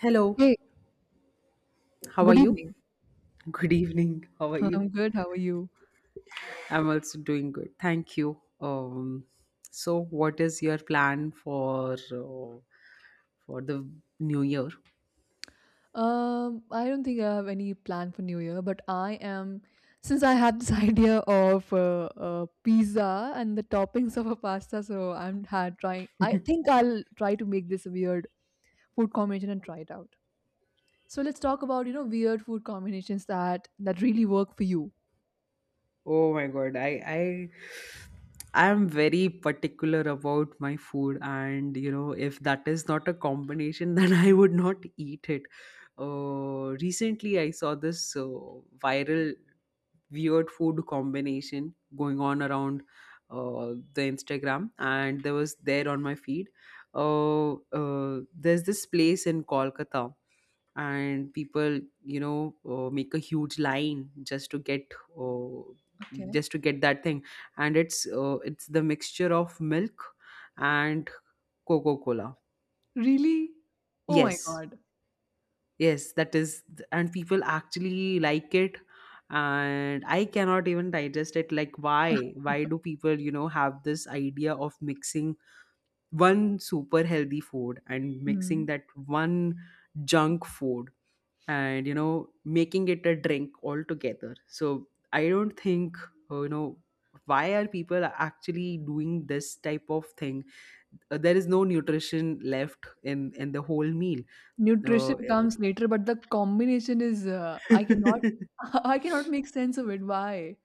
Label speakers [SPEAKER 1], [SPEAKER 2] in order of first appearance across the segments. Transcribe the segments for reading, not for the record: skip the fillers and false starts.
[SPEAKER 1] Hello,
[SPEAKER 2] Hey,
[SPEAKER 1] how are
[SPEAKER 2] good
[SPEAKER 1] you?
[SPEAKER 2] evening.
[SPEAKER 1] Good evening. How are you?
[SPEAKER 2] I'm good. How are you?
[SPEAKER 1] I'm also doing good. Thank you. So what is your plan for the new year?
[SPEAKER 2] I don't think I have any plan for New Year, but I am since I had this idea of pizza and the toppings of a pasta, so I'm had trying. I think I'll try to make this weird food combination and try it out. So let's talk about weird food combinations that really work for you.
[SPEAKER 1] Oh my god, I I'm very particular about my food, and you know if that is not a combination, then I would not eat it. Recently I saw this viral weird food combination going on around the Instagram, and there was there on my feed. Uh, there's this place in Kolkata, and people, you know, make a huge line uh,
[SPEAKER 2] Okay.
[SPEAKER 1] just to get that thing. And it's the mixture of milk and coca-cola.
[SPEAKER 2] Really? Oh my
[SPEAKER 1] Yes,
[SPEAKER 2] God.
[SPEAKER 1] yes, that is and people actually like it. And I cannot even digest it. Like, why why do people, you know, have this idea of mixing one super healthy food and mixing
[SPEAKER 2] Hmm.
[SPEAKER 1] that one junk food, and you know, making it a drink altogether? So I don't think, you know, why are people actually doing this type of thing? There is no nutrition left in the whole meal.
[SPEAKER 2] Nutrition
[SPEAKER 1] Uh,
[SPEAKER 2] comes later, but the combination is I cannot I cannot make sense of it. Why?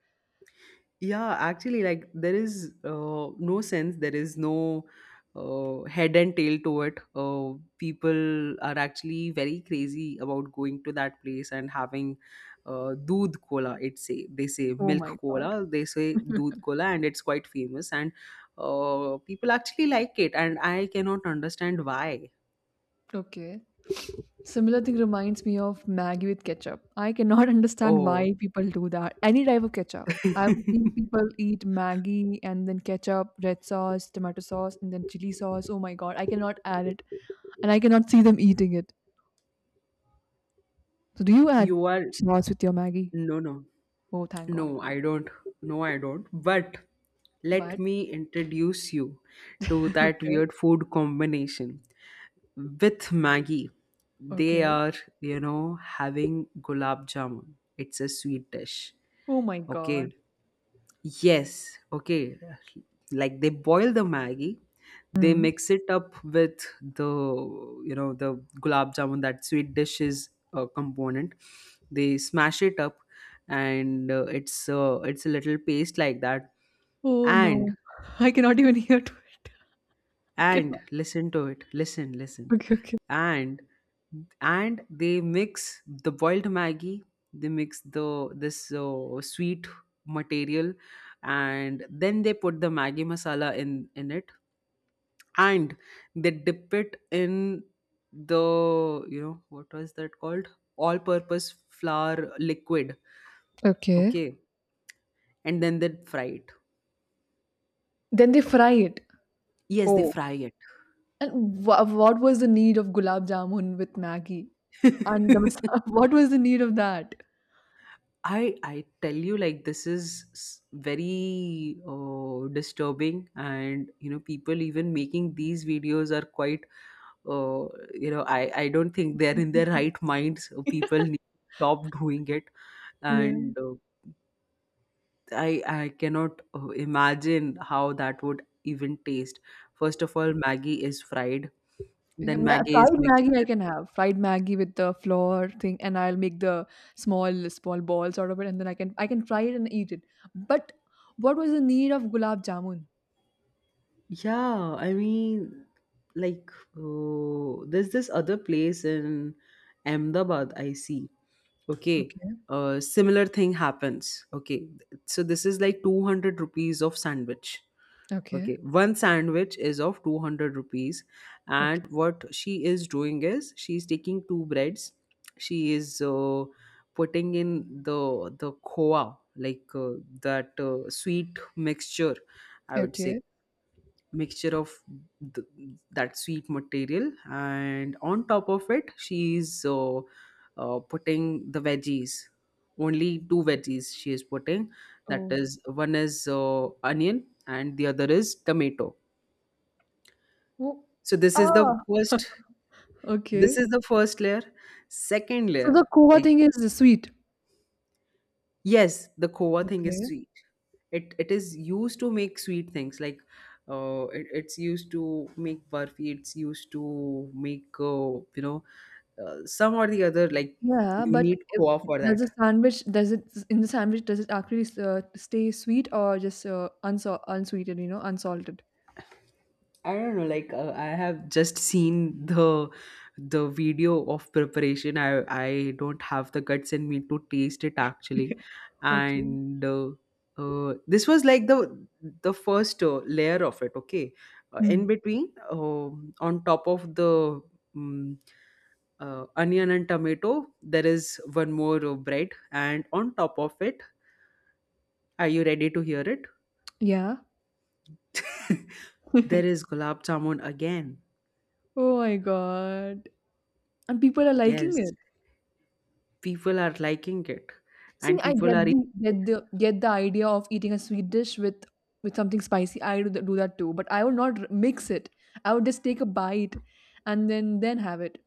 [SPEAKER 1] yeah, actually, like, there is no sense, there is no head and tail to it. People are actually very crazy about going to that place and having doodh cola. It say they say
[SPEAKER 2] Oh
[SPEAKER 1] milk
[SPEAKER 2] my God.
[SPEAKER 1] cola, they say doodh cola, and it's quite famous. And people actually like it, and I cannot understand why.
[SPEAKER 2] Okay. Similar thing reminds me of Maggie with ketchup. I cannot understand
[SPEAKER 1] Oh,
[SPEAKER 2] why people do that. Any type of ketchup. I've seen people eat Maggie and then ketchup, red sauce, tomato sauce, and then chili sauce. Oh my god, I cannot add it. And I cannot see them eating it. So do you add
[SPEAKER 1] you are.
[SPEAKER 2] sauce with your Maggie?
[SPEAKER 1] No, no.
[SPEAKER 2] Oh thank God.
[SPEAKER 1] No, I don't. No, I don't. But let
[SPEAKER 2] But
[SPEAKER 1] me introduce you to that
[SPEAKER 2] okay.
[SPEAKER 1] weird food combination with Maggie. They
[SPEAKER 2] Okay.
[SPEAKER 1] are, you know, having gulab jamun. It's a sweet dish.
[SPEAKER 2] Oh my
[SPEAKER 1] Okay.
[SPEAKER 2] god.
[SPEAKER 1] Yes, okay. Like, they boil the Maggi, they
[SPEAKER 2] Hmm.
[SPEAKER 1] mix it up with the, you know, the gulab jamun, that sweet dishes component. They smash it up, and it's a little paste like that.
[SPEAKER 2] Oh,
[SPEAKER 1] And
[SPEAKER 2] no. I cannot even hear to it. I
[SPEAKER 1] and
[SPEAKER 2] cannot.
[SPEAKER 1] listen to it, listen
[SPEAKER 2] Okay, okay.
[SPEAKER 1] and and they mix the boiled maggie, they mix the this sweet material, and then they put the maggie masala in it, and they dip it in the, you know, what was that called, all purpose flour liquid,
[SPEAKER 2] Okay.
[SPEAKER 1] okay, and then they fry it.
[SPEAKER 2] Then they fry it.
[SPEAKER 1] Yes, they
[SPEAKER 2] Oh.
[SPEAKER 1] fry
[SPEAKER 2] And what was the need of gulab jamun with Maggi? And the
[SPEAKER 1] it.
[SPEAKER 2] masa what was the need of that?
[SPEAKER 1] I tell you, like, this is very disturbing, and you know, people even making these videos are quite uh, you know, I don't think they're in their right minds. So people need to stop doing it.
[SPEAKER 2] Yeah.
[SPEAKER 1] And uh, I I cannot imagine how that would even taste. First of all, Maggie is fried,
[SPEAKER 2] Yeah,
[SPEAKER 1] then
[SPEAKER 2] ma
[SPEAKER 1] Maggie is
[SPEAKER 2] fried
[SPEAKER 1] mixed.
[SPEAKER 2] Maggi I can have. Fried Maggi with the flour thing, and I'll make the small small balls out of it, and then I can fry it and eat it. But what was the need of gulab jamun?
[SPEAKER 1] Yeah, I mean, like, there's this other place in Ahmedabad, I see. Okay,
[SPEAKER 2] Okay,
[SPEAKER 1] similar thing happens. Okay, so this is like 200 rupees of sandwich.
[SPEAKER 2] okay,
[SPEAKER 1] Okay, one sandwich is of 200 rupees,
[SPEAKER 2] okay,
[SPEAKER 1] and what she is doing is she's taking two breads, she is putting in the khoa, like, that sweet mixture, I would say,
[SPEAKER 2] okay.
[SPEAKER 1] mixture of th- that sweet material, and on top of it she's putting the veggies. Only two veggies she is putting, that
[SPEAKER 2] Oh,
[SPEAKER 1] is, one is onion and the other is tomato.
[SPEAKER 2] oh,
[SPEAKER 1] So this is the
[SPEAKER 2] ah!
[SPEAKER 1] first, this
[SPEAKER 2] Okay.
[SPEAKER 1] is the first layer. Second
[SPEAKER 2] So
[SPEAKER 1] layer,
[SPEAKER 2] the Kohva
[SPEAKER 1] like,
[SPEAKER 2] thing is the sweet.
[SPEAKER 1] yes, the Koa thing is
[SPEAKER 2] Okay.
[SPEAKER 1] sweet. It is used to make sweet things, like, it, it's used to make barfi, it's used to make, you know, some or the other, like,
[SPEAKER 2] Yeah,
[SPEAKER 1] you
[SPEAKER 2] but
[SPEAKER 1] need
[SPEAKER 2] if
[SPEAKER 1] Koa for
[SPEAKER 2] Does
[SPEAKER 1] that.
[SPEAKER 2] the sandwich does it in the sandwich does it actually stay sweet or just unsweetened, unsalted?
[SPEAKER 1] I don't know. Like, I have just seen the video of preparation. I don't have the guts in me to taste it actually,
[SPEAKER 2] Okay.
[SPEAKER 1] and this was like the first layer of it. Okay, in
[SPEAKER 2] Hmm.
[SPEAKER 1] between, on top of the um, onion and tomato, there is one more bread, and on top of it, are you ready to hear it?
[SPEAKER 2] Yeah.
[SPEAKER 1] There is gulab jamun again.
[SPEAKER 2] Oh my God. And people are liking
[SPEAKER 1] Yes,
[SPEAKER 2] it.
[SPEAKER 1] people are liking it,
[SPEAKER 2] See,
[SPEAKER 1] and
[SPEAKER 2] I
[SPEAKER 1] people
[SPEAKER 2] get
[SPEAKER 1] are
[SPEAKER 2] the
[SPEAKER 1] eating it.
[SPEAKER 2] get the get the idea of eating a sweet dish with something spicy. I do, do that too, but I would not mix it. I would just take a bite and then have it.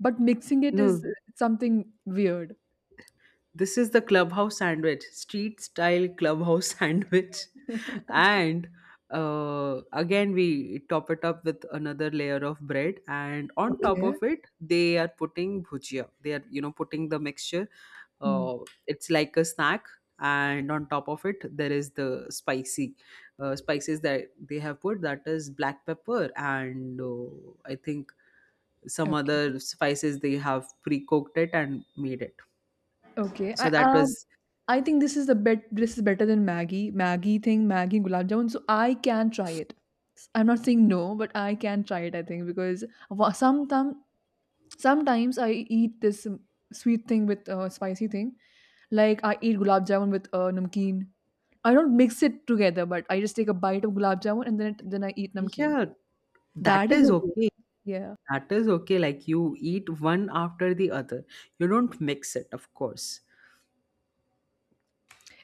[SPEAKER 2] But mixing it is
[SPEAKER 1] No,
[SPEAKER 2] something weird.
[SPEAKER 1] this is the clubhouse sandwich, street style clubhouse sandwich. And again, we top it up with another layer of bread, and on top
[SPEAKER 2] Okay.
[SPEAKER 1] of it, they are putting bhujia. They are, you know, putting the mixture.
[SPEAKER 2] Hmm.
[SPEAKER 1] uh, it's like a snack, and on top of it there is the spicy spices that they have put, that is black pepper and I think some
[SPEAKER 2] Okay.
[SPEAKER 1] other spices. They have pre-cooked it and made it.
[SPEAKER 2] Okay.
[SPEAKER 1] So that was,
[SPEAKER 2] I think this is the bet this is better than Maggie. Maggie thing, Maggie gulab jamun. So I can try it. I'm not saying no, but I can try it, I think, because sometimes Sometimes I eat this sweet thing with spicy thing. Like I eat gulab jamun with namkeen. I don't mix it together, but I just take a bite of gulab jamun and then I eat namkeen.
[SPEAKER 1] yeah, that
[SPEAKER 2] That is
[SPEAKER 1] is
[SPEAKER 2] okay.
[SPEAKER 1] okay.
[SPEAKER 2] Yeah.
[SPEAKER 1] That is okay. Like, you eat one after the other, you don't mix it, of course.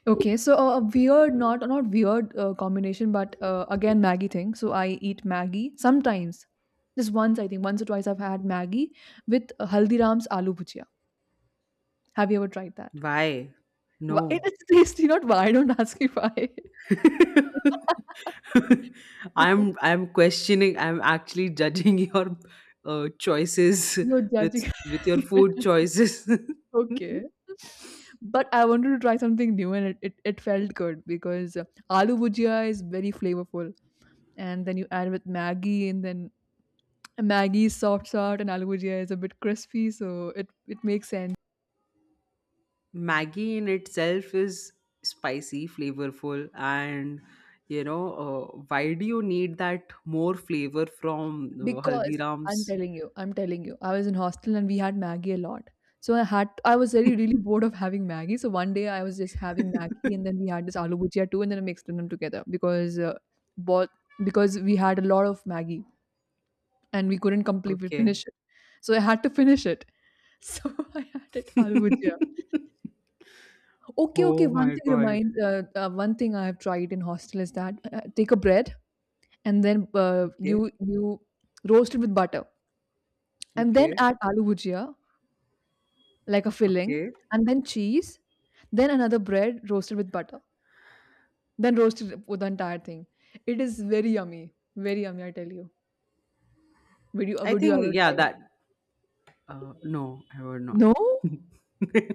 [SPEAKER 2] Okay. So a weird, not weird combination, but again Maggie thing. So I eat Maggie sometimes. Just once, I think once or twice I've had Maggie with Haldiram's aloo bhujia. Have you ever tried that?
[SPEAKER 1] Why?
[SPEAKER 2] Why,
[SPEAKER 1] No.
[SPEAKER 2] it's tasty, not why. Don't ask me why.
[SPEAKER 1] I'm I'm questioning. I'm actually judging your choices,
[SPEAKER 2] You're
[SPEAKER 1] with
[SPEAKER 2] judging.
[SPEAKER 1] with your food choices.
[SPEAKER 2] Okay. But I wanted to try something new and it felt good because aloo bhujia is very flavorful. And then you add with Maggie and then Maggie is soft soft and aloo bhujia is a bit crispy. So it makes sense.
[SPEAKER 1] Maggie in itself is spicy, flavorful, and you know, why do you need that more flavor from
[SPEAKER 2] Because
[SPEAKER 1] Haldiram's?
[SPEAKER 2] I'm telling you, I was in hostel and we had Maggie a lot. So I was very really bored of having Maggie. So one day I was just having Maggie and then we had this aloo bhujia too and then I mixed them together because both because we had a lot of Maggie and we couldn't completely
[SPEAKER 1] Okay.
[SPEAKER 2] finish it. So I had to finish it. So I had it aloo bhujia. Okay, okay.
[SPEAKER 1] Oh
[SPEAKER 2] One
[SPEAKER 1] my
[SPEAKER 2] thing
[SPEAKER 1] god.
[SPEAKER 2] reminds one thing I have tried in hostel is that take a bread and then
[SPEAKER 1] Okay.
[SPEAKER 2] you you roast it with butter and then
[SPEAKER 1] Okay.
[SPEAKER 2] add aloo bhujia like a filling,
[SPEAKER 1] Okay.
[SPEAKER 2] and then cheese, then another bread roasted with butter, then roasted with the entire thing. It is very yummy, very yummy. I tell you,
[SPEAKER 1] I
[SPEAKER 2] would you ever
[SPEAKER 1] think yeah
[SPEAKER 2] try it?
[SPEAKER 1] that, uh, no, I would not.
[SPEAKER 2] No.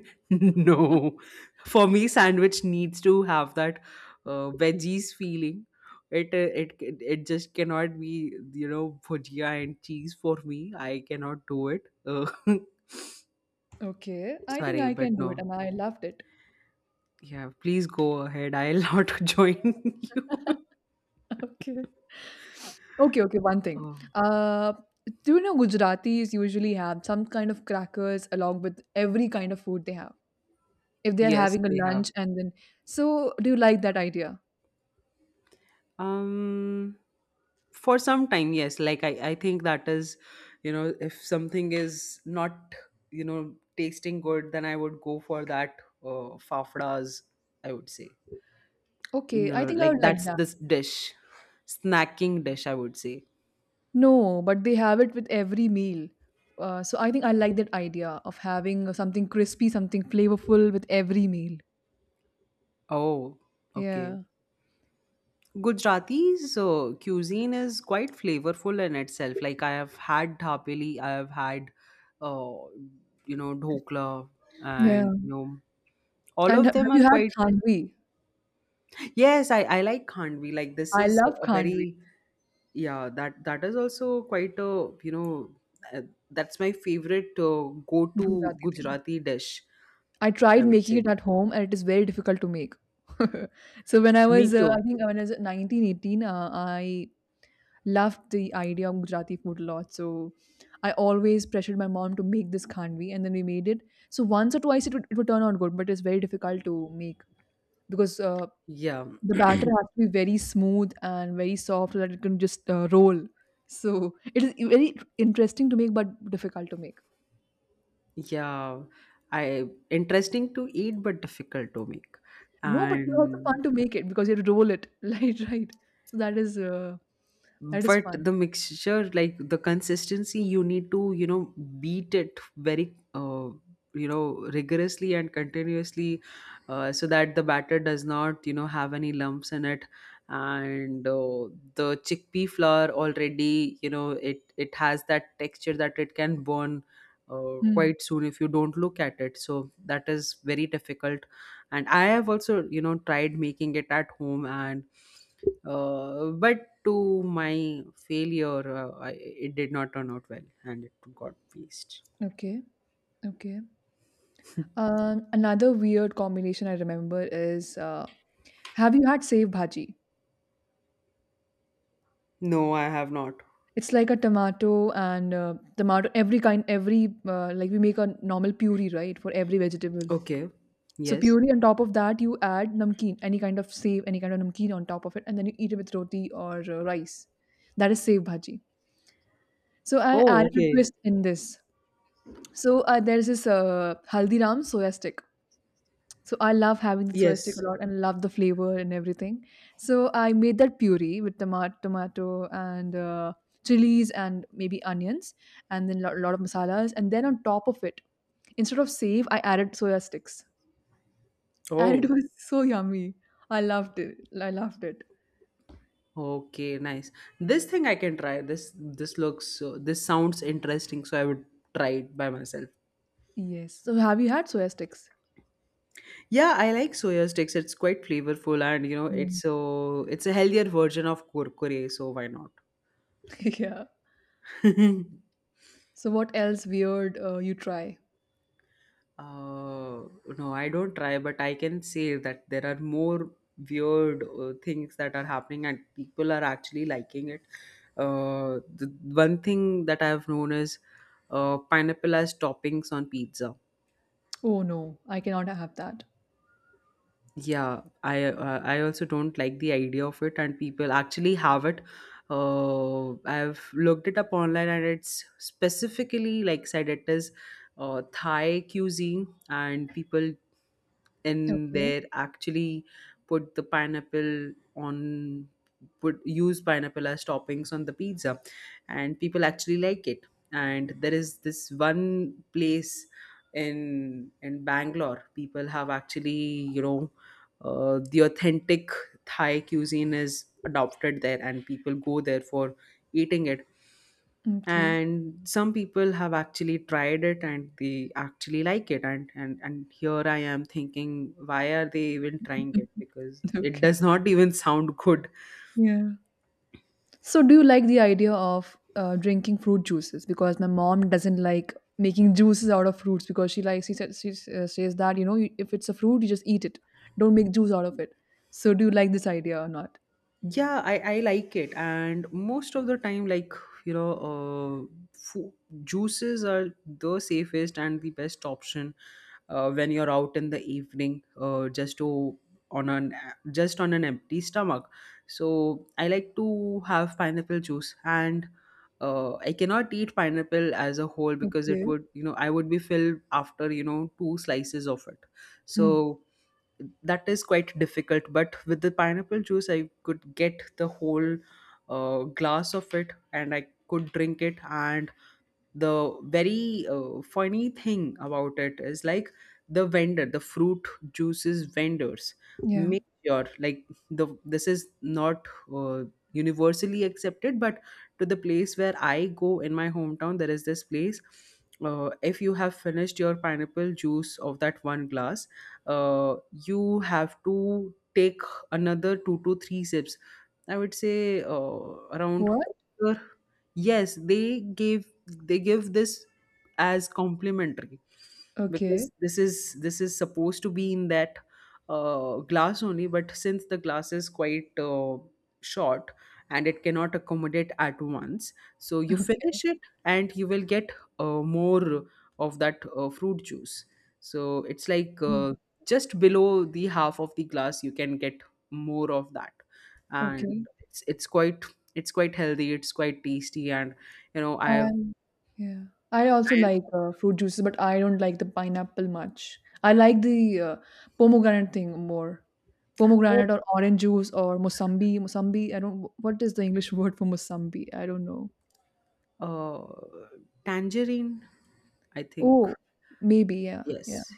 [SPEAKER 1] No. For me, sandwich needs to have that veggies feeling. It, it it just cannot be, you know, bhujia and cheese for me. I cannot do it.
[SPEAKER 2] Okay, I think
[SPEAKER 1] Sorry,
[SPEAKER 2] I
[SPEAKER 1] but
[SPEAKER 2] can do it,
[SPEAKER 1] no.
[SPEAKER 2] and I loved it.
[SPEAKER 1] Yeah, please go ahead. I'll not join you.
[SPEAKER 2] Okay. Okay, okay, one thing.
[SPEAKER 1] Oh,
[SPEAKER 2] Do you know Gujaratis usually have some kind of crackers along with every kind of food they have? If they are
[SPEAKER 1] yes,
[SPEAKER 2] having a
[SPEAKER 1] they have.
[SPEAKER 2] lunch and then, so do you like that idea?
[SPEAKER 1] Um, for some time, yes, like, I think that is, you know, if something is not, you know, tasting good, then I would go for that fafdas, I would say.
[SPEAKER 2] Okay, I
[SPEAKER 1] No,
[SPEAKER 2] think I would
[SPEAKER 1] like,
[SPEAKER 2] like
[SPEAKER 1] that's
[SPEAKER 2] that.
[SPEAKER 1] this dish, snacking dish, I would say.
[SPEAKER 2] No, but they have it with every meal. So I think I like that idea of having something crispy, something flavorful with every meal.
[SPEAKER 1] Oh, okay.
[SPEAKER 2] Yeah.
[SPEAKER 1] Gujarati's cuisine is quite flavorful in itself. Like, I have had thapeli, I have had, uh, you know, dhokla,
[SPEAKER 2] Yeah.
[SPEAKER 1] and you know, all
[SPEAKER 2] And
[SPEAKER 1] of them
[SPEAKER 2] have you
[SPEAKER 1] are
[SPEAKER 2] had
[SPEAKER 1] quite.
[SPEAKER 2] khandvi?
[SPEAKER 1] Yes, I like Khandvi. Like, this
[SPEAKER 2] I
[SPEAKER 1] is
[SPEAKER 2] love
[SPEAKER 1] a
[SPEAKER 2] khandvi,
[SPEAKER 1] very, yeah, that that is also quite a, you know, uh, that's my favorite go-to
[SPEAKER 2] Gujarati thing.
[SPEAKER 1] Gujarati dish.
[SPEAKER 2] I
[SPEAKER 1] I
[SPEAKER 2] tried
[SPEAKER 1] would
[SPEAKER 2] making
[SPEAKER 1] say
[SPEAKER 2] it at home and it is very difficult to make. So when I
[SPEAKER 1] me
[SPEAKER 2] was, I
[SPEAKER 1] too.
[SPEAKER 2] think when I was 19, 18, I loved the idea of Gujarati food a lot. So I always pressured my mom to make this khandvi and then we made it. So once or twice it would turn out good, but it's very difficult to make because
[SPEAKER 1] Yeah,
[SPEAKER 2] the batter has to be very smooth and very soft so that it can just roll. So it is very interesting to make, but difficult to make.
[SPEAKER 1] yeah. I interesting to eat but difficult to make,
[SPEAKER 2] No, but it's also
[SPEAKER 1] and
[SPEAKER 2] fun to make it because you have to roll it. Right, right. So that is
[SPEAKER 1] but
[SPEAKER 2] fun.
[SPEAKER 1] the mixture, like, the consistency you need to, you know, beat it very you know, rigorously and continuously, so that the batter does not, you know, have any lumps in it, and the chickpea flour already, you know, it has that texture that it can burn
[SPEAKER 2] Hmm.
[SPEAKER 1] quite soon if you don't look at it, so that is very difficult. And I have also, you know, tried making it at home, and but to my failure, I, it did not turn out well and it got waste.
[SPEAKER 2] Okay, okay. Another weird combination I remember is have you had save bhaji?
[SPEAKER 1] No, I have not.
[SPEAKER 2] It's like a tomato and tomato every kind every like we make a normal puree right for every vegetable.
[SPEAKER 1] Okay.
[SPEAKER 2] So
[SPEAKER 1] Yes.
[SPEAKER 2] puree on top of that, you add namkeen, any kind of sev, any kind of namkeen on top of it, and then you eat it with roti or rice. That is sev bhaji. So I
[SPEAKER 1] Oh,
[SPEAKER 2] added a
[SPEAKER 1] okay.
[SPEAKER 2] twist in this. So there's this Haldiram soya stick. So I love having the soya stick a
[SPEAKER 1] Yes.
[SPEAKER 2] lot and love the flavor and everything. So I made that puree with tomato and chilies and maybe onions and then a lot of masalas. And then on top of it, instead of save, I added soya sticks. And it
[SPEAKER 1] Oh,
[SPEAKER 2] was so yummy. I loved it. I loved it.
[SPEAKER 1] okay. Nice. This thing I can try. This looks this sounds interesting, so I would try it by myself.
[SPEAKER 2] Yes. So have you had soya sticks?
[SPEAKER 1] Yeah, I like soya sticks. It's quite flavorful, and you know,
[SPEAKER 2] Yeah.
[SPEAKER 1] it's so it's a healthier version of kurkure, so why not?
[SPEAKER 2] Yeah. So what else weird you try?
[SPEAKER 1] Uh, no, I don't try, but I can say that there are more weird things that are happening and people are actually liking it. The one thing that I've known is pineapple as toppings on pizza.
[SPEAKER 2] Oh no, I cannot have that.
[SPEAKER 1] Yeah, I, I also don't like the idea of it, and people actually have it. I've looked it up online, and it's specifically, like, said it is Thai cuisine, and people in
[SPEAKER 2] Okay.
[SPEAKER 1] there actually put the pineapple on, put use pineapple as toppings on the pizza, and people actually like it. And there is this one place in bangalore. People have actually, you know, the authentic Thai cuisine is adopted there, and people go there for eating it.
[SPEAKER 2] Okay.
[SPEAKER 1] And some people have actually tried it, and they actually like it. And and here I am thinking, why are they even trying it? Because it
[SPEAKER 2] Okay.
[SPEAKER 1] does not even sound good.
[SPEAKER 2] Yeah. So do you like the idea of drinking fruit juices? Because my mom doesn't like making juices out of fruits because she says that if it's a fruit you just eat it, don't make juice out of it. So do you like this idea or not?
[SPEAKER 1] Yeah, I like it, and most of the time, like, you know uh, fu- juices are the safest and the best option when you're out in the evening, on an just on an empty stomach. So I like to have pineapple juice. And I cannot eat pineapple as a whole because it
[SPEAKER 2] Okay.
[SPEAKER 1] would you know I would be filled after two slices of it.
[SPEAKER 2] Hmm.
[SPEAKER 1] So that is quite difficult, but with the pineapple juice, I could get the whole glass of it and I could drink it. And the very funny thing about it is, like, the fruit juices vendors
[SPEAKER 2] Yeah.
[SPEAKER 1] make sure, like, the this is not uh, universally accepted, but to the place where I go in my hometown, there is this place. If you have finished your pineapple juice of that one glass, uh, you have to take another two to three sips, I would say, around
[SPEAKER 2] What?
[SPEAKER 1] quarter. Yes, they give this as complimentary,
[SPEAKER 2] Okay.
[SPEAKER 1] because this is supposed to be in that glass only, but since the glass is quite short and it cannot accommodate at once, so you finish it and you will get more of that fruit juice. So it's like,
[SPEAKER 2] Mm.
[SPEAKER 1] just below the half of the glass, you can get more of that. And
[SPEAKER 2] Okay.
[SPEAKER 1] it's, it's quite it's quite healthy, it's quite tasty, and you know,
[SPEAKER 2] I
[SPEAKER 1] I've
[SPEAKER 2] Yeah. I also
[SPEAKER 1] I have
[SPEAKER 2] like fruit juices, but I don't like the pineapple much. I like the pomegranate thing more. Pomegranate or orange juice or mosambi. Mosambi. I don't. What is the English word for mosambi? I don't know.
[SPEAKER 1] oh, tangerine, I think.
[SPEAKER 2] Oh, maybe. Yeah. Yeah.
[SPEAKER 1] Yes.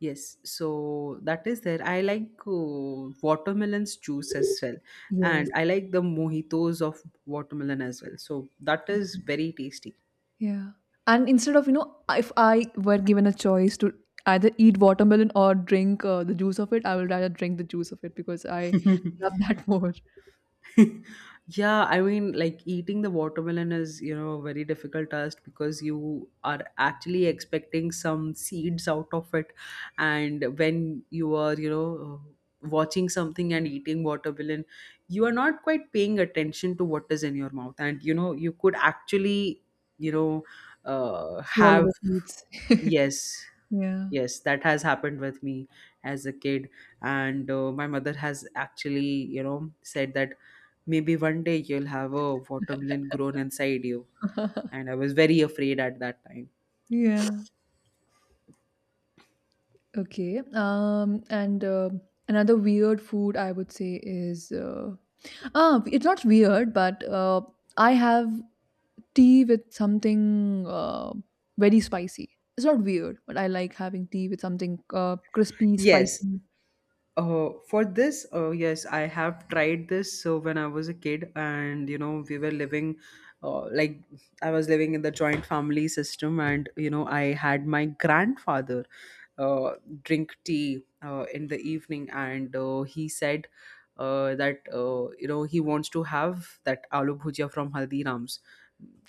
[SPEAKER 1] Yes, so that is there. I like watermelon's juice as well,
[SPEAKER 2] Yes.
[SPEAKER 1] and I like the mojitos of watermelon as well. So that
[SPEAKER 2] Okay.
[SPEAKER 1] is very tasty.
[SPEAKER 2] Yeah. And instead of, you know, if I were given a choice to either eat watermelon or drink the juice of it, I will rather drink the juice of it because I love that more.
[SPEAKER 1] Yeah, I mean, like, eating the watermelon is a very difficult task because you are actually expecting some seeds out of it. And when you are, watching something and eating watermelon, you are not quite paying attention to what is in your mouth. And, you could actually, you know,
[SPEAKER 2] Swallow
[SPEAKER 1] have
[SPEAKER 2] the seeds.
[SPEAKER 1] Yes,
[SPEAKER 2] Yeah.
[SPEAKER 1] yes, that has happened with me as a kid, and my mother has actually, said that maybe one day you'll have a watermelon grown inside you, and I was very afraid at that time.
[SPEAKER 2] Yeah. Okay. And another weird food I would say is ah, it's not weird, but I have tea with something very spicy. It's not weird, but I like having tea with something crispy,
[SPEAKER 1] Yes.
[SPEAKER 2] spicy.
[SPEAKER 1] For this, yes, I have tried this. So when I was a kid, and like, I was living in the joint family system, and I had my grandfather uh, drink tea in the evening, and he said that he wants to have that aloo bhujia from Haldiram's,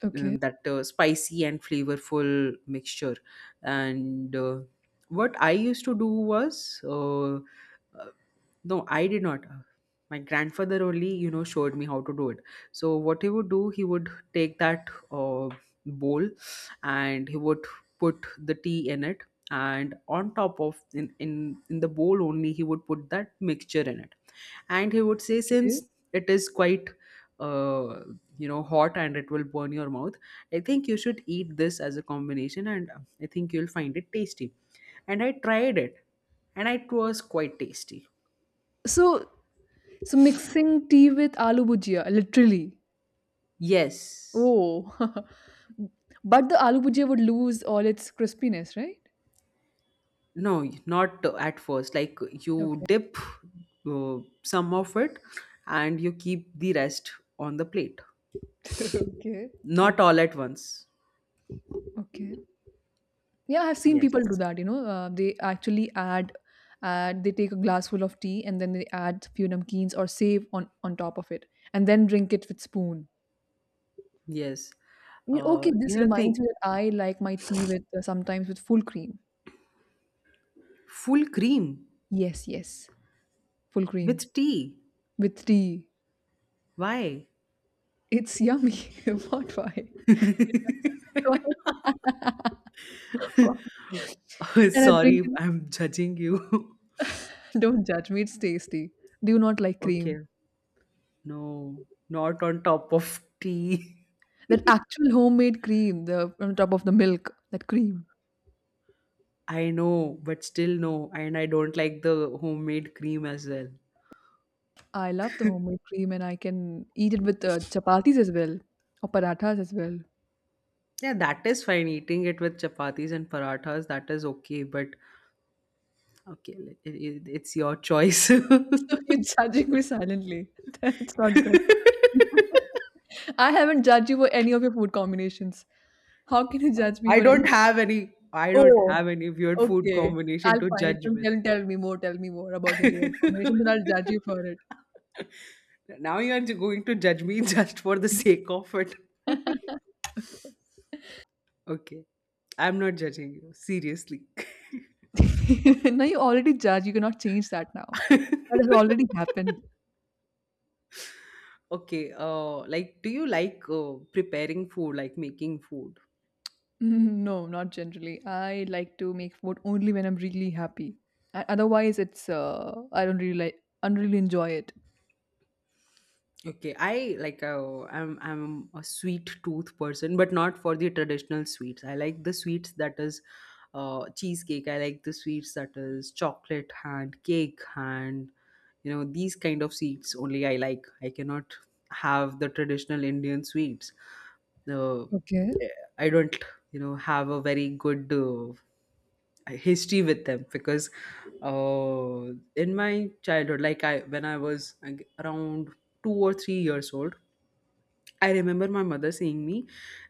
[SPEAKER 2] Okay.
[SPEAKER 1] that spicy and flavorful mixture. And what I used to do was. Uh, no, I did not. My grandfather only showed me how to do it. So what he would do, he would take that uh, bowl, and he would put the tea in it, and on top of in the bowl only, he would put that mixture in it. And he would say,
[SPEAKER 2] Okay.
[SPEAKER 1] since it is quite uh, hot and it will burn your mouth, I think you should eat this as a combination, and I think you'll find it tasty. And I tried it, and it was quite tasty.
[SPEAKER 2] So, so mixing tea with aloo bhujia, literally.
[SPEAKER 1] Yes.
[SPEAKER 2] Oh, but the aloo bhujia would lose all its crispiness, right?
[SPEAKER 1] No, not at first. Like, you
[SPEAKER 2] Okay.
[SPEAKER 1] dip some of it and you keep the rest on the plate,
[SPEAKER 2] Okay. Okay.
[SPEAKER 1] not all at once.
[SPEAKER 2] Okay. Yeah, I've seen people do
[SPEAKER 1] Yes,
[SPEAKER 2] that. They actually add. They take a glass full of tea and then they add few namkeens or save on top of it, and then drink it with spoon.
[SPEAKER 1] yes.
[SPEAKER 2] You know, okay, this
[SPEAKER 1] Think
[SPEAKER 2] reminds me that I like my tea with sometimes with full cream.
[SPEAKER 1] full cream
[SPEAKER 2] Yes, yes, full cream
[SPEAKER 1] with tea.
[SPEAKER 2] with tea.
[SPEAKER 1] Why?
[SPEAKER 2] It's yummy. What? Why? Why? Why? And I drink
[SPEAKER 1] Sorry,
[SPEAKER 2] it.
[SPEAKER 1] I'm judging you.
[SPEAKER 2] Don't judge me. It's tasty. Do you not like cream?
[SPEAKER 1] Okay, no, not on top of tea.
[SPEAKER 2] That actual homemade cream, the on top of the milk, that cream.
[SPEAKER 1] I know, but still no. And I don't like the homemade cream as well.
[SPEAKER 2] I love the homemade cream and I can eat it with, chapatis as well or parathas as well.
[SPEAKER 1] Yeah, that is fine. Eating it with chapatis and parathas, that is okay. But okay, it's your choice.
[SPEAKER 2] So you're judging me silently. That's not good. I haven't judged you for any of your food combinations. How can you judge me
[SPEAKER 1] I
[SPEAKER 2] for any?
[SPEAKER 1] don't have any. I don't
[SPEAKER 2] Oh,
[SPEAKER 1] have any weird food
[SPEAKER 2] okay.
[SPEAKER 1] combination
[SPEAKER 2] I'll
[SPEAKER 1] to
[SPEAKER 2] find it.
[SPEAKER 1] judge
[SPEAKER 2] Some
[SPEAKER 1] with.
[SPEAKER 2] tell me more about your weird combinations and I'll judge you for it.
[SPEAKER 1] Now you are going to judge me just for the sake of it.
[SPEAKER 2] Okay.
[SPEAKER 1] Okay, I'm not judging you seriously.
[SPEAKER 2] No, you already judge, you cannot change that now. That has already happened.
[SPEAKER 1] Okay, like, do you like preparing food, like, making food?
[SPEAKER 2] Mm, no, not generally. I like to make food only when I'm really happy. Otherwise, it's I don't really I don't really enjoy it.
[SPEAKER 1] Okay, I like I'm a sweet tooth person, but not for the traditional sweets. I like the sweets that is cheesecake. I like the sweets that is chocolate hand, cake hand. You know these kind of sweets only I like. I cannot have the traditional Indian sweets. The
[SPEAKER 2] Okay,
[SPEAKER 1] eh, I don't have a very good history with them, because in my childhood, like I when I was, like, around 2 or 3 years old, I remember my mother saying me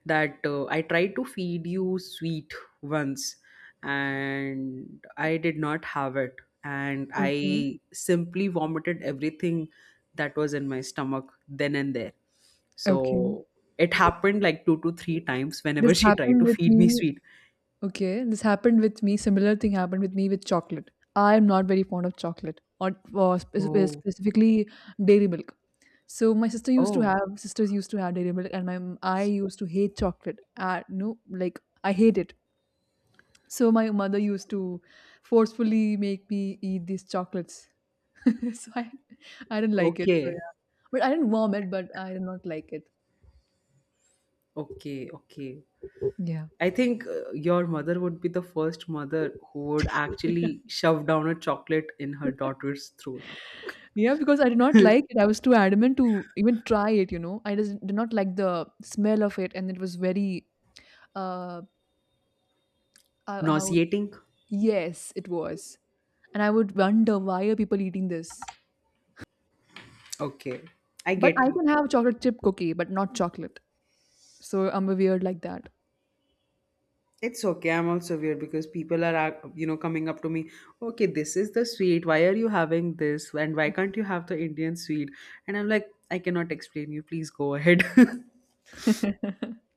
[SPEAKER 1] that I tried to feed you sweet once, and I did not have it, and
[SPEAKER 2] okay,
[SPEAKER 1] I simply vomited everything that was in my stomach then and there.
[SPEAKER 2] okay.
[SPEAKER 1] So it happened like two to three times
[SPEAKER 2] This
[SPEAKER 1] whenever she tried
[SPEAKER 2] happened
[SPEAKER 1] to
[SPEAKER 2] with
[SPEAKER 1] feed me
[SPEAKER 2] me.
[SPEAKER 1] sweet.
[SPEAKER 2] Okay, this happened with me. Similar thing happened with me with chocolate. I am not very fond of chocolate, or
[SPEAKER 1] Oh.
[SPEAKER 2] specifically dairy milk. So my sister used to
[SPEAKER 1] Oh,
[SPEAKER 2] have sisters used to have dairy milk, and I used to hate chocolate. No, like I hate it. So my mother used to forcefully make me eat these chocolates. so I, I didn't like it. So
[SPEAKER 1] okay.
[SPEAKER 2] yeah, but I didn't vomit, but I did not like it.
[SPEAKER 1] Okay, okay.
[SPEAKER 2] Yeah,
[SPEAKER 1] I think your mother would be the first mother who would actually shove down a chocolate in her daughter's throat.
[SPEAKER 2] yeah, because I did not like it. I was too adamant to even try it. You know, I just did not like the smell of it, and it was very uh how
[SPEAKER 1] Nauseating?
[SPEAKER 2] yes, it was, and I would wonder why are people eating this.
[SPEAKER 1] Okay, I
[SPEAKER 2] But
[SPEAKER 1] get
[SPEAKER 2] I
[SPEAKER 1] you.
[SPEAKER 2] can have chocolate chip cookie, but not chocolate. So I'm a weird like that.
[SPEAKER 1] It's okay. I'm also weird because people are, coming up to me. Okay, this is the sweet. Why are you having this? And why can't you have the Indian sweet? And I'm like, I cannot explain you. Please go ahead.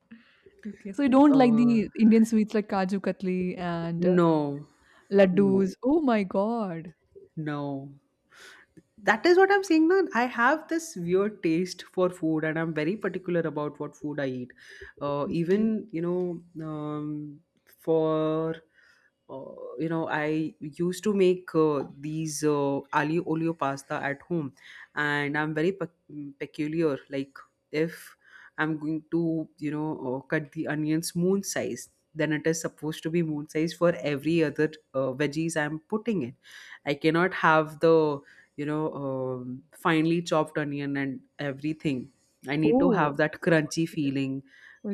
[SPEAKER 2] Okay, so you don't like the
[SPEAKER 1] uh,
[SPEAKER 2] Indian sweets like Kaju Katli and
[SPEAKER 1] no,
[SPEAKER 2] laddus.
[SPEAKER 1] no,
[SPEAKER 2] Oh my God.
[SPEAKER 1] no. That is what I'm saying. Now I have this weird taste for food, and I'm very particular about what food I eat, even,
[SPEAKER 2] Okay.
[SPEAKER 1] for, uh, I used to make these ali olio pasta at home, and I'm very peculiar, like, if I'm going to cut the onions moon size, then it is supposed to be moon size for every other veggies I'm putting in. I cannot have the finely chopped onion and everything. I need to
[SPEAKER 2] Oh,
[SPEAKER 1] have that crunchy feeling.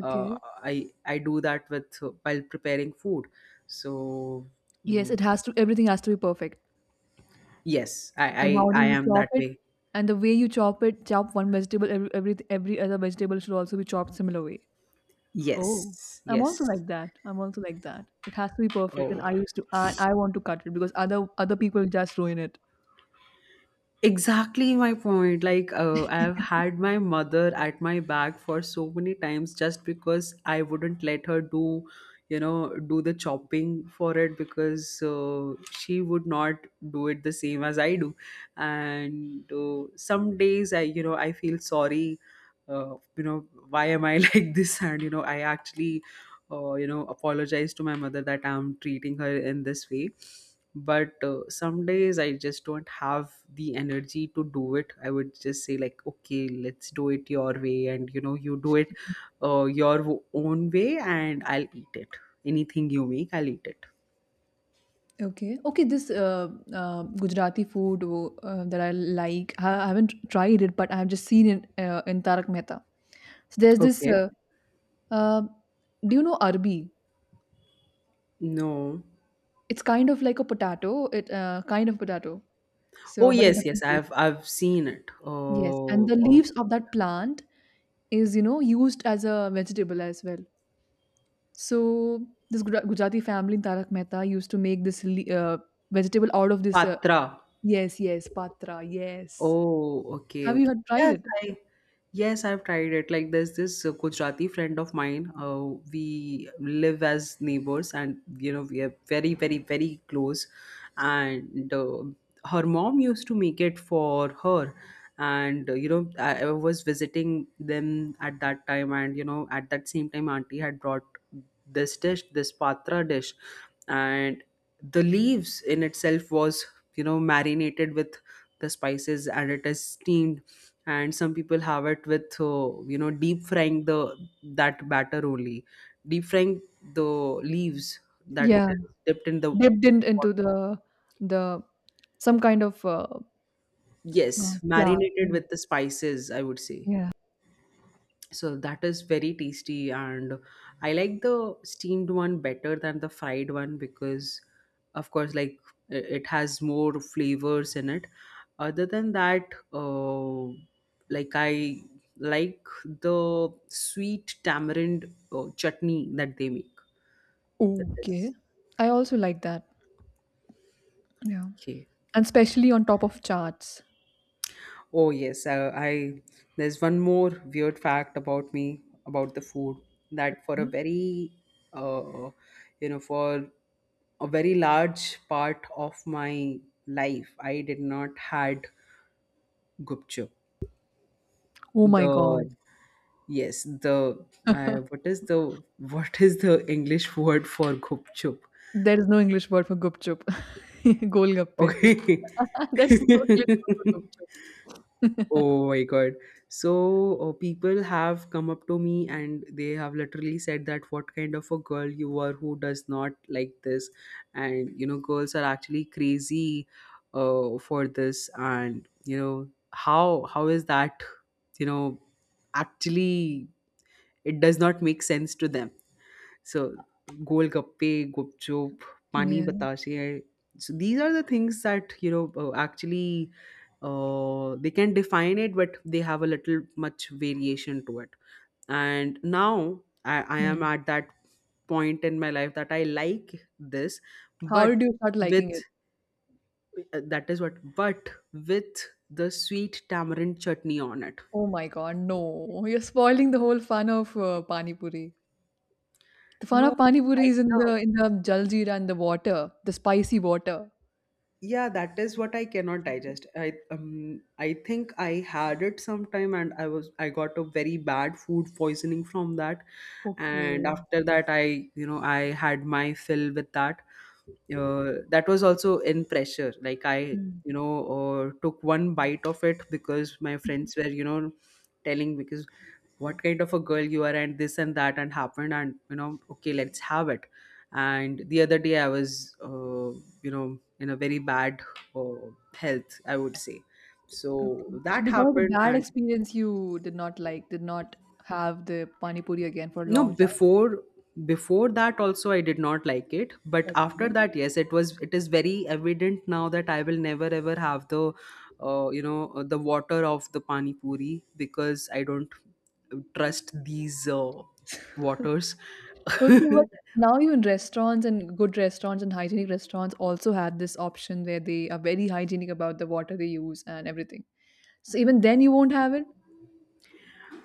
[SPEAKER 1] uh, I do that with while preparing food, so
[SPEAKER 2] Yes,
[SPEAKER 1] mm,
[SPEAKER 2] it has to, everything has to be perfect.
[SPEAKER 1] yes, i
[SPEAKER 2] And
[SPEAKER 1] i,
[SPEAKER 2] how do
[SPEAKER 1] I
[SPEAKER 2] you
[SPEAKER 1] am
[SPEAKER 2] chop
[SPEAKER 1] that
[SPEAKER 2] it?
[SPEAKER 1] way.
[SPEAKER 2] And the way you chop it, chop one vegetable, every other vegetable should also be chopped similar way. Oh,
[SPEAKER 1] Yes,
[SPEAKER 2] I'm also
[SPEAKER 1] yes.
[SPEAKER 2] like that. I'm also like that. It has to be perfect. And
[SPEAKER 1] Oh,
[SPEAKER 2] I used to, I want to cut it because other people just ruin it.
[SPEAKER 1] exactly my point. Like, I've had my mother at my back for so many times, just because I wouldn't let her do you know do the chopping for it, because she would not do it the same as I do. And some days, I feel sorry, why am I like this. And I actually, apologize to my mother that I'm treating her in this way. But some days I just don't have the energy to do it. I would just say, like, okay, let's do it your way, and you do it your own way, and I'll eat it. Anything you make, I'll eat it.
[SPEAKER 2] Okay. Okay, this Gujarati food that I like, I haven't tried it, but I have just seen it in Tarak Mehta. So there's
[SPEAKER 1] Okay.
[SPEAKER 2] uh, do you know arbi?
[SPEAKER 1] No.
[SPEAKER 2] It's kind of like a potato, it kind of potato,
[SPEAKER 1] Oh,
[SPEAKER 2] so but a
[SPEAKER 1] yes, yes,
[SPEAKER 2] different taste.
[SPEAKER 1] I've seen it.
[SPEAKER 2] Yes, and the
[SPEAKER 1] Oh, oh,
[SPEAKER 2] leaves of that plant is, you know, used as a vegetable as well. So this Gujarati family in Tarak Mehta used to make this vegetable out of this.
[SPEAKER 1] patra.
[SPEAKER 2] Yes, yes, patra. Yes.
[SPEAKER 1] Oh, okay,
[SPEAKER 2] Have you
[SPEAKER 1] okay.
[SPEAKER 2] had tried
[SPEAKER 1] Yes,
[SPEAKER 2] it?
[SPEAKER 1] I yes, I've tried it. Like, there's this Gujarati friend of mine. We live as neighbors, and we are very, very, very close. And her mom used to make it for her. And I was visiting them at that time, and at that same time, auntie had brought this dish, this patra dish, and the leaves in itself was marinated with the spices, and it is steamed. And some people have it with deep frying the that batter only, deep frying the leaves that
[SPEAKER 2] Yeah,
[SPEAKER 1] is dipped in the
[SPEAKER 2] dipped in into
[SPEAKER 1] water.
[SPEAKER 2] the some kind of
[SPEAKER 1] Yes,
[SPEAKER 2] flour. Yeah,
[SPEAKER 1] marinated with the spices, I would say.
[SPEAKER 2] yeah.
[SPEAKER 1] So that is very tasty, and I like the steamed one better than the fried one because, of course, like, it has more flavors in it. Other than that, like, I like the sweet tamarind chutney that they make with this.
[SPEAKER 2] Okay, I also like that. Yeah,
[SPEAKER 1] Okay.
[SPEAKER 2] and especially on top of charts.
[SPEAKER 1] Oh, yes, I there's one more weird fact about me, about the food, that
[SPEAKER 2] Yeah.
[SPEAKER 1] uh, for a very large part of my life, I did not had gupchup.
[SPEAKER 2] Oh my God,
[SPEAKER 1] The Yes, the what is the what is the English word for gupchup?
[SPEAKER 2] there is no English word for gupchup. Golgappe.
[SPEAKER 1] Okay.
[SPEAKER 2] There's no English word for gupchup.
[SPEAKER 1] Oh my God. So, people have come up to me and they have literally said that what kind of a girl you are who does not like this. And, girls are actually crazy for this. And, how is that, you know, actually, it does not make sense to them. So, golgappe, gupchup, pani
[SPEAKER 2] Yeah.
[SPEAKER 1] batashe. So these are the things that, actually, they can define it, but they have a little much variation to it. And now I am
[SPEAKER 2] Hmm.
[SPEAKER 1] at that point in my life that I like this,
[SPEAKER 2] How
[SPEAKER 1] but
[SPEAKER 2] did you start liking
[SPEAKER 1] with
[SPEAKER 2] it?
[SPEAKER 1] that is what, but with the sweet tamarind chutney on it.
[SPEAKER 2] Oh my God, no! You're spoiling the whole fun of pani puri. The fun
[SPEAKER 1] No,
[SPEAKER 2] of pani puri
[SPEAKER 1] like
[SPEAKER 2] is in the
[SPEAKER 1] the
[SPEAKER 2] in the jaljeera and the water, the spicy water.
[SPEAKER 1] yeah, that is what I cannot digest. I think I had it sometime, and I got a very bad food poisoning from that. And
[SPEAKER 2] Okay.
[SPEAKER 1] after that, I you know I had my fill with that. That was also in pressure, like, I
[SPEAKER 2] Hmm.
[SPEAKER 1] you know took one bite of it, because my friends were, telling, because, what kind of a girl you are, and this and that and happened, and okay, let's have it. And the other day, I was in a very bad uh, health, I would say.
[SPEAKER 2] Okay.
[SPEAKER 1] So
[SPEAKER 2] So
[SPEAKER 1] that
[SPEAKER 2] because of the
[SPEAKER 1] happened.
[SPEAKER 2] bad
[SPEAKER 1] And
[SPEAKER 2] experience, you did not did not have the pani puri again for a
[SPEAKER 1] no,
[SPEAKER 2] long
[SPEAKER 1] before that also I did not like it. But
[SPEAKER 2] time.
[SPEAKER 1] after
[SPEAKER 2] Okay.
[SPEAKER 1] that, yes, it is very evident now that I will never ever have the you know the water of the pani puri, because I don't trust these waters.
[SPEAKER 2] Okay, but now even restaurants and good restaurants and hygienic restaurants also have this option where they are very hygienic about the water they use and everything. So even then you won't have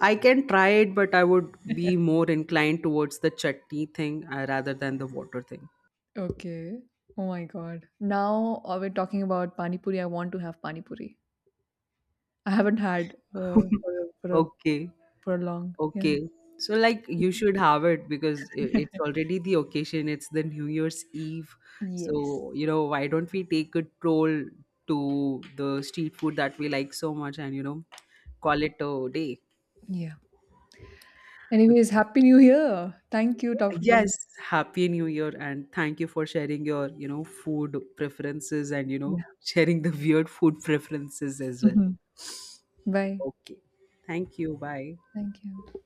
[SPEAKER 1] I can try it, but I would be
[SPEAKER 2] it?
[SPEAKER 1] more inclined towards the chutney thing, rather than the water thing.
[SPEAKER 2] Okay. Oh my God. Now we're talking about pani puri. I want to have pani puri. I haven't had for a,
[SPEAKER 1] Okay.
[SPEAKER 2] for a long. Yeah.
[SPEAKER 1] Okay. So, like, you should have it, because it's already the occasion. It's the New Year's Eve.
[SPEAKER 2] Yes.
[SPEAKER 1] So, why don't we take a troll to the street food that we like so much, and, call it a day.
[SPEAKER 2] Yeah.
[SPEAKER 1] Okay.
[SPEAKER 2] Anyways, happy new year. Thank you. Talk to you.
[SPEAKER 1] Yes, happy new year, and thank you for sharing your, food preferences, and,
[SPEAKER 2] Yeah.
[SPEAKER 1] sharing the weird food preferences as well.
[SPEAKER 2] Bye.
[SPEAKER 1] Okay. Thank you. Bye.
[SPEAKER 2] Thank you.